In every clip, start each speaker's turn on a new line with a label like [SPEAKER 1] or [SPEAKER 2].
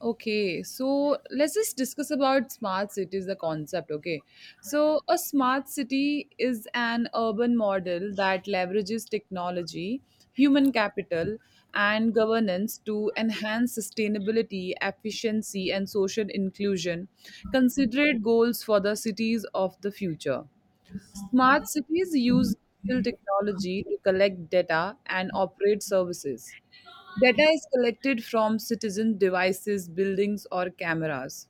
[SPEAKER 1] Okay, so let's just discuss about smart cities, the concept. Okay, so a smart city is an urban model that leverages technology, human capital, and governance to enhance sustainability, efficiency, and social inclusion, considerate goals for the cities of the future. Smart cities use digital technology to collect data and operate services. Data is collected from citizen devices, buildings, or cameras.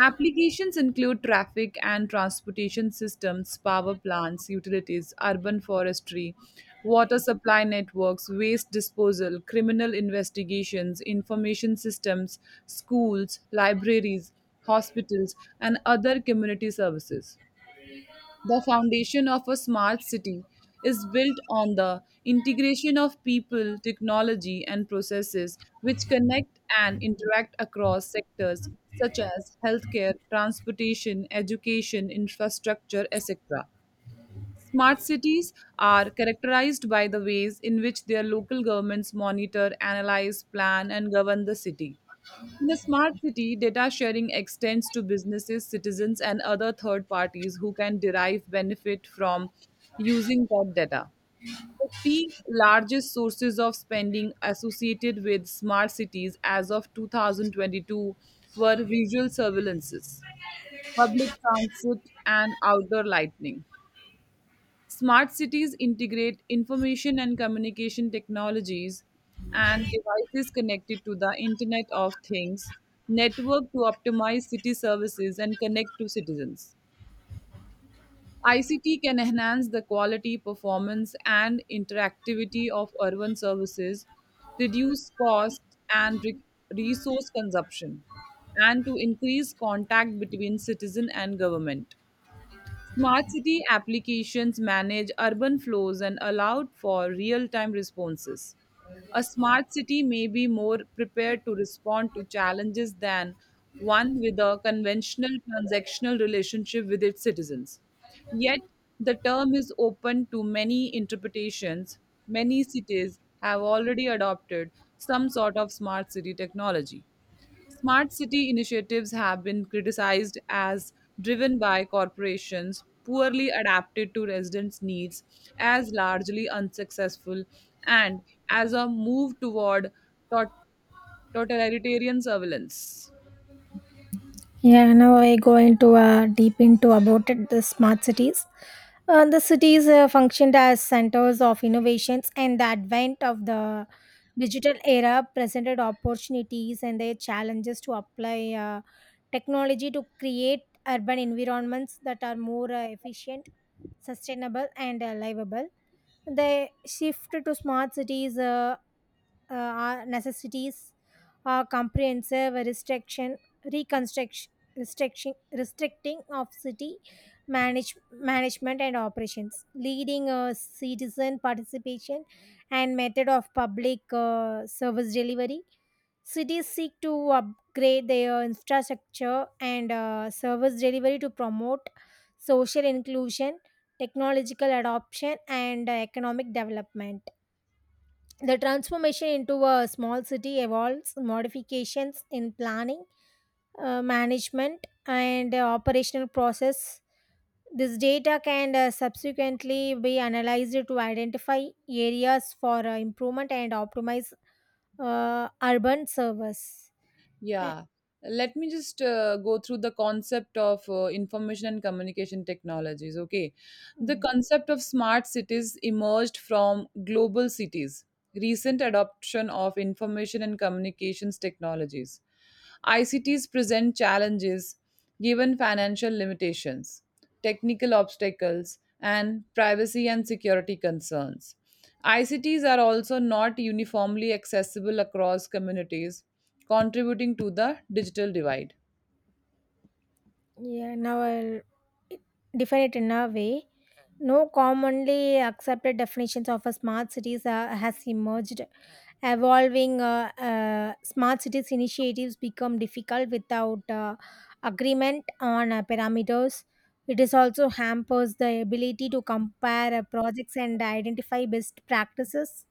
[SPEAKER 1] Applications include traffic and transportation systems, power plants, utilities, urban forestry, water supply networks, waste disposal, criminal investigations, information systems, schools, libraries, hospitals, and other community services. The foundation of a smart city is built on the integration of people, technology, and processes which connect and interact across sectors such as healthcare, transportation, education, infrastructure, etc. Smart cities are characterized by the ways in which their local governments monitor, analyze, plan, and govern the city. In a smart city, data sharing extends to businesses, citizens, and other third parties who can derive benefit from using that data. The three largest sources of spending associated with smart cities as of 2022 were visual surveillances, public transit, and outdoor lighting. Smart cities integrate information and communication technologies and devices connected to the Internet of Things network to optimize city services and connect to citizens. ICT can enhance the quality, performance, and interactivity of urban services, reduce cost and resource consumption, and to increase contact between citizen and government. Smart city applications manage urban flows and allow for real time responses. A smart city may be more prepared to respond to challenges than one with a conventional transactional relationship with its citizens. Yet, the term is open to many interpretations. Many cities have already adopted some sort of smart city technology. Smart city initiatives have been criticized as driven by corporations, poorly adapted to residents' needs, as largely unsuccessful, and as a move toward tot- totalitarian surveillance.
[SPEAKER 2] Yeah, now I go into deep into about it, the smart cities. The cities functioned as centers of innovations, and the advent of the digital era presented opportunities and their challenges to apply technology to create urban environments that are more efficient, sustainable, and livable. The shift to smart cities our necessities are comprehensive restriction reconstruction restriction restricting of city management and operations leading citizen participation and method of public service delivery. Cities seek to upgrade their infrastructure and service delivery to promote social inclusion, technological adoption, and economic development. The transformation into a small city involves modifications in planning, management, and operational process. This data can subsequently be analyzed to identify areas for improvement and optimize urban service. Uh,
[SPEAKER 1] Yeah, let me just go through the concept of information and communication technologies. Okay, the concept of smart cities emerged from global cities, recent adoption of information and communications technologies. ICTs present challenges given financial limitations, technical obstacles, and privacy and security concerns. ICTs are also not uniformly accessible across communities, contributing to the digital divide.
[SPEAKER 2] Yeah, now I'll define it in a way. No commonly accepted definitions of a smart cities has emerged. Evolving smart cities initiatives become difficult without agreement on parameters. It is also hampers the ability to compare projects and identify best practices.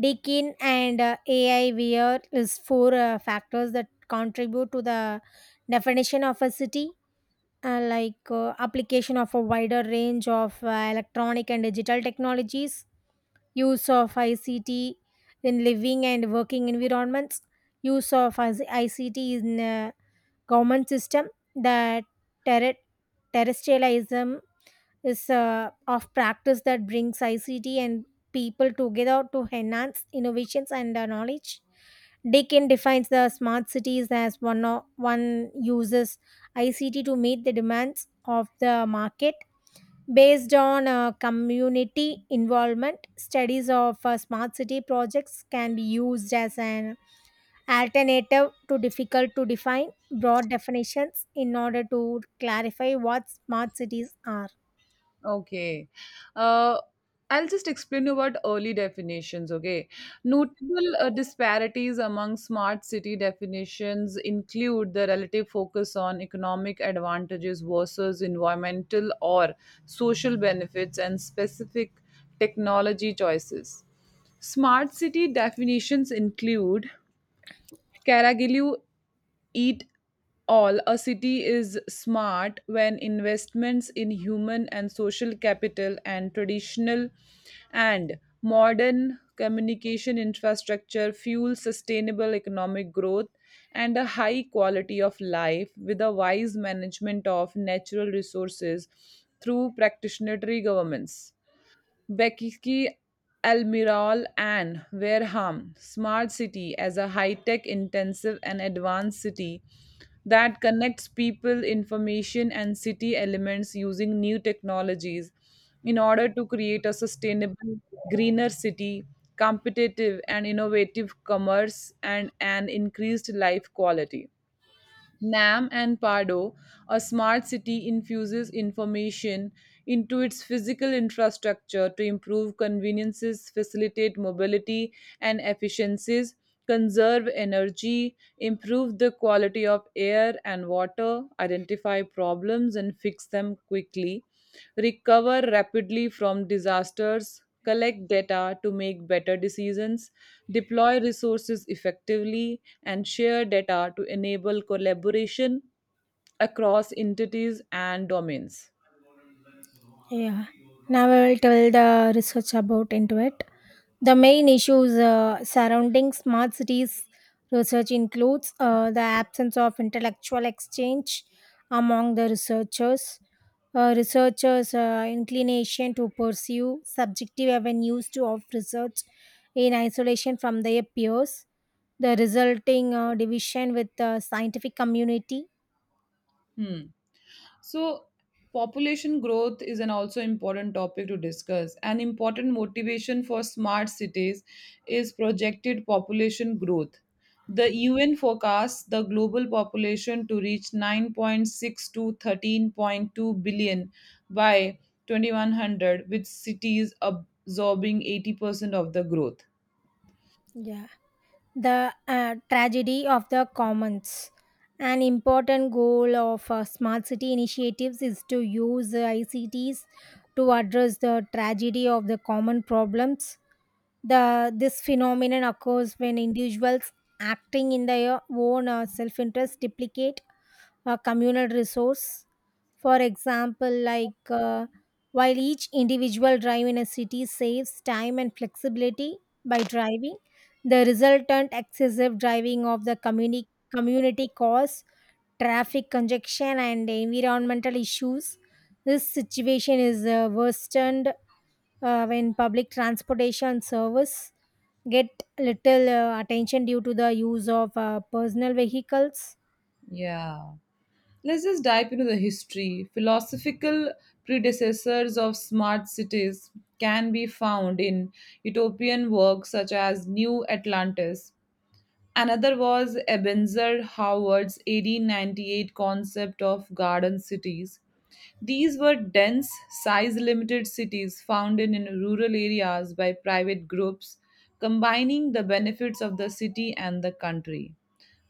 [SPEAKER 2] Deakin and AIVR is four factors that contribute to the definition of a city, like application of a wider range of electronic and digital technologies, use of ICT in living and working environments, use of ICT in government system, the terre- terrestrialism is of practice that brings ICT and people together to enhance innovations and knowledge. Deakin defines the smart cities as one uses ICT to meet the demands of the market based on community involvement. Studies of smart city projects can be used as an alternative to difficult to define broad definitions in order to clarify what smart cities are.
[SPEAKER 1] Okay. Uh, I'll just explain you about early definitions, okay? Notable disparities among smart city definitions include the relative focus on economic advantages versus environmental or social benefits and specific technology choices. Smart city definitions include Karagelu it all, a city is smart when investments in human and social capital and traditional and modern communication infrastructure fuel sustainable economic growth and a high quality of life with a wise management of natural resources through practitionary governments. Becky Almiral and Wareham, smart city as a high-tech intensive and advanced city that connects people, information, and city elements using new technologies in order to create a sustainable, greener city, competitive and innovative commerce, and an increased life quality. NAM and Pardo, a smart city infuses information into its physical infrastructure to improve conveniences, facilitate mobility and efficiencies, conserve energy, improve the quality of air and water, identify problems and fix them quickly, recover rapidly from disasters, collect data to make better decisions, deploy resources effectively, and share data to enable collaboration across entities and domains.
[SPEAKER 2] Yeah. Now I will tell the research about into it. The main issues surrounding smart cities research includes the absence of intellectual exchange among the researchers, researchers' inclination to pursue subjective avenues to of research in isolation from their peers, the resulting division with the scientific community.
[SPEAKER 1] Hmm. So, population growth is an also important topic to discuss. An important motivation for smart cities is projected population growth. The UN forecasts the global population to reach 9.6 to 13.2 billion by 2100, with cities absorbing 80% of the growth.
[SPEAKER 2] Yeah. The tragedy of the commons. An important goal of smart city initiatives is to use ICTs to address the tragedy of the common problems. The this phenomenon occurs when individuals acting in their own self-interest duplicate a communal resource. For example, like while each individual drive in a city saves time and flexibility by driving, the resultant excessive driving of the community cause traffic congestion and environmental issues. This situation is worsened when public transportation service get little attention due to the use of personal vehicles.
[SPEAKER 1] Yeah. Let's just dive into the history. Philosophical predecessors of smart cities can be found in utopian works such as New Atlantis. Another was Ebenezer Howard's 1898 concept of garden cities. These were dense, size limited cities founded in rural areas by private groups, combining the benefits of the city and the country.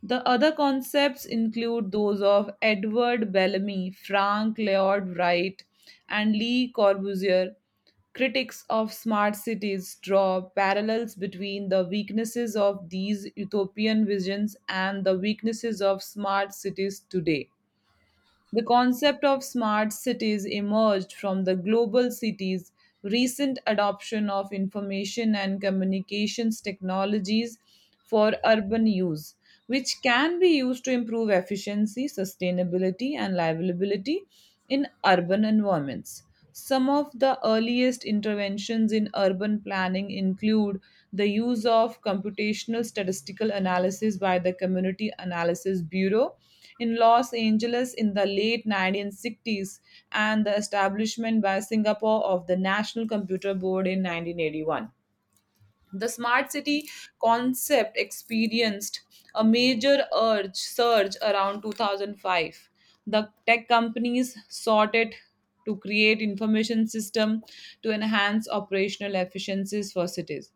[SPEAKER 1] The other concepts include those of Edward Bellamy, Frank Lloyd Wright, and Lee Corbusier. Critics of smart cities draw parallels between the weaknesses of these utopian visions and the weaknesses of smart cities today. The concept of smart cities emerged from the global cities' recent adoption of information and communications technologies for urban use, which can be used to improve efficiency, sustainability, and livability in urban environments. Some of the earliest interventions in urban planning include the use of computational statistical analysis by the Community Analysis Bureau in Los Angeles in the late 1960s and the establishment by Singapore of the National Computer Board in 1981. The smart city concept experienced a major urge surge around 2005. The tech companies sought it to create information system to enhance operational efficiencies for cities.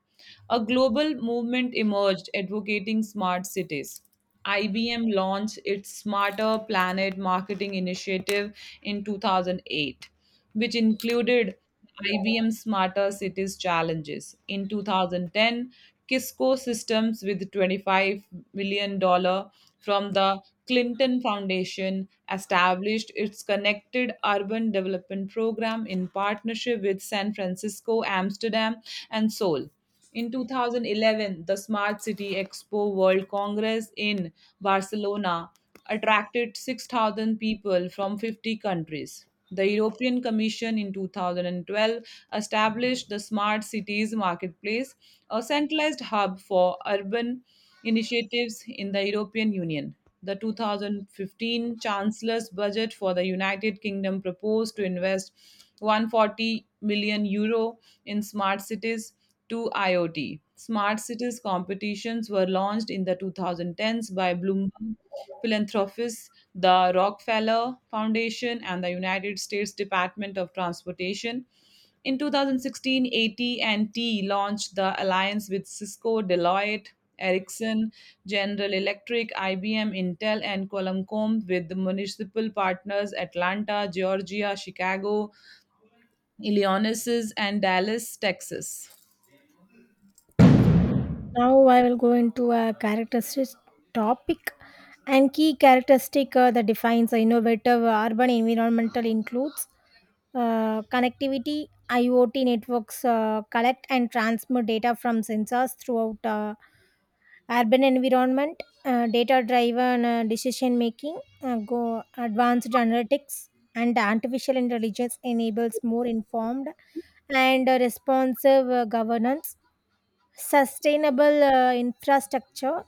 [SPEAKER 1] A global movement emerged advocating smart cities. IBM launched its Smarter Planet marketing initiative in 2008 which included IBM Smarter Cities challenges. In 2010, Kisco Systems with $25 million dollars from the Clinton Foundation established its Connected Urban Development Program in partnership with San Francisco, Amsterdam, and Seoul. In 2011, the Smart City Expo World Congress in Barcelona attracted 6,000 people from 50 countries. The European Commission in 2012 established the Smart Cities Marketplace, a centralized hub for urban initiatives in the European Union. The 2015 Chancellor's budget for the United Kingdom proposed to invest 140 million euros in smart cities to IoT. Smart cities competitions were launched in the 2010s by Bloomberg philanthropists, the Rockefeller Foundation, and the United States Department of Transportation. In 2016, AT&T launched the alliance with Cisco, Deloitte, Ericsson, General Electric, IBM, Intel, and Qualcomm with the municipal partners Atlanta, Georgia, Chicago, Illinois, and Dallas, Texas.
[SPEAKER 2] Now I will go into a characteristic topic, and key characteristic that defines innovative urban environmental includes connectivity, IoT networks collect and transmit data from sensors throughout urban environment, data-driven decision making, go advanced analytics, and artificial intelligence enables more informed and responsive governance, sustainable infrastructure,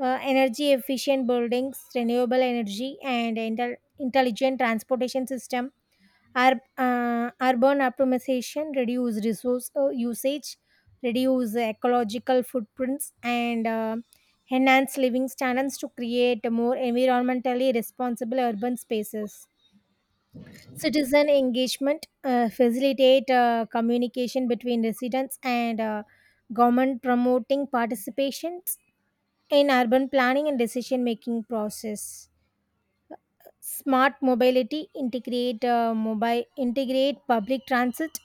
[SPEAKER 2] energy efficient buildings, renewable energy, and intelligent transportation system. Urban optimization reduce resource usage, reduce ecological footprints, and enhance living standards to create more environmentally responsible urban spaces. Citizen engagement facilitate communication between residents and government, promoting participations in urban planning and decision making process. Smart mobility integrate mobile integrate public transit,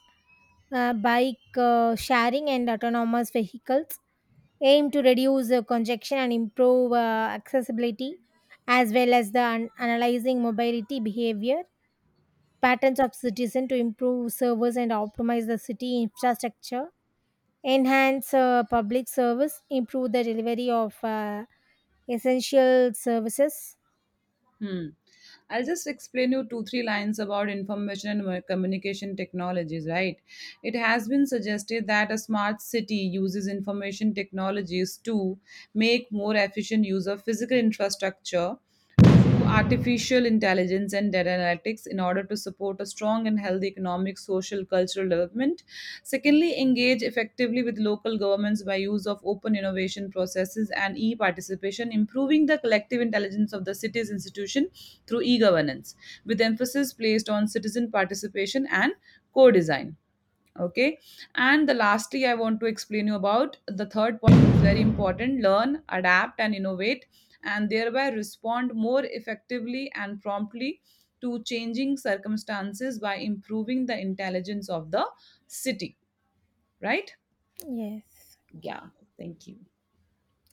[SPEAKER 2] bike sharing and autonomous vehicles aim to reduce congestion and improve accessibility, as well as the analyzing mobility behavior patterns of citizen to improve servers and optimize the city infrastructure, enhance public service, improve the delivery of essential services.
[SPEAKER 1] Hmm. I'll just explain you two, three lines about information and communication technologies, right? It has been suggested that a smart city uses information technologies to make more efficient use of physical infrastructure to artificial intelligence and data analytics in order to support a strong and healthy economic, social, cultural development. Secondly, engage effectively with local governments by use of open innovation processes and e participation, improving the collective intelligence of the city's institution through e governance, with emphasis placed on citizen participation and co design, okay. And the lastly, I want to explain you about the third point is very important, learn, adapt, and innovate, and thereby respond more effectively and promptly to changing circumstances by improving the intelligence of the city, right?
[SPEAKER 2] Yes,
[SPEAKER 1] Yeah, thank you.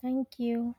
[SPEAKER 2] thank you.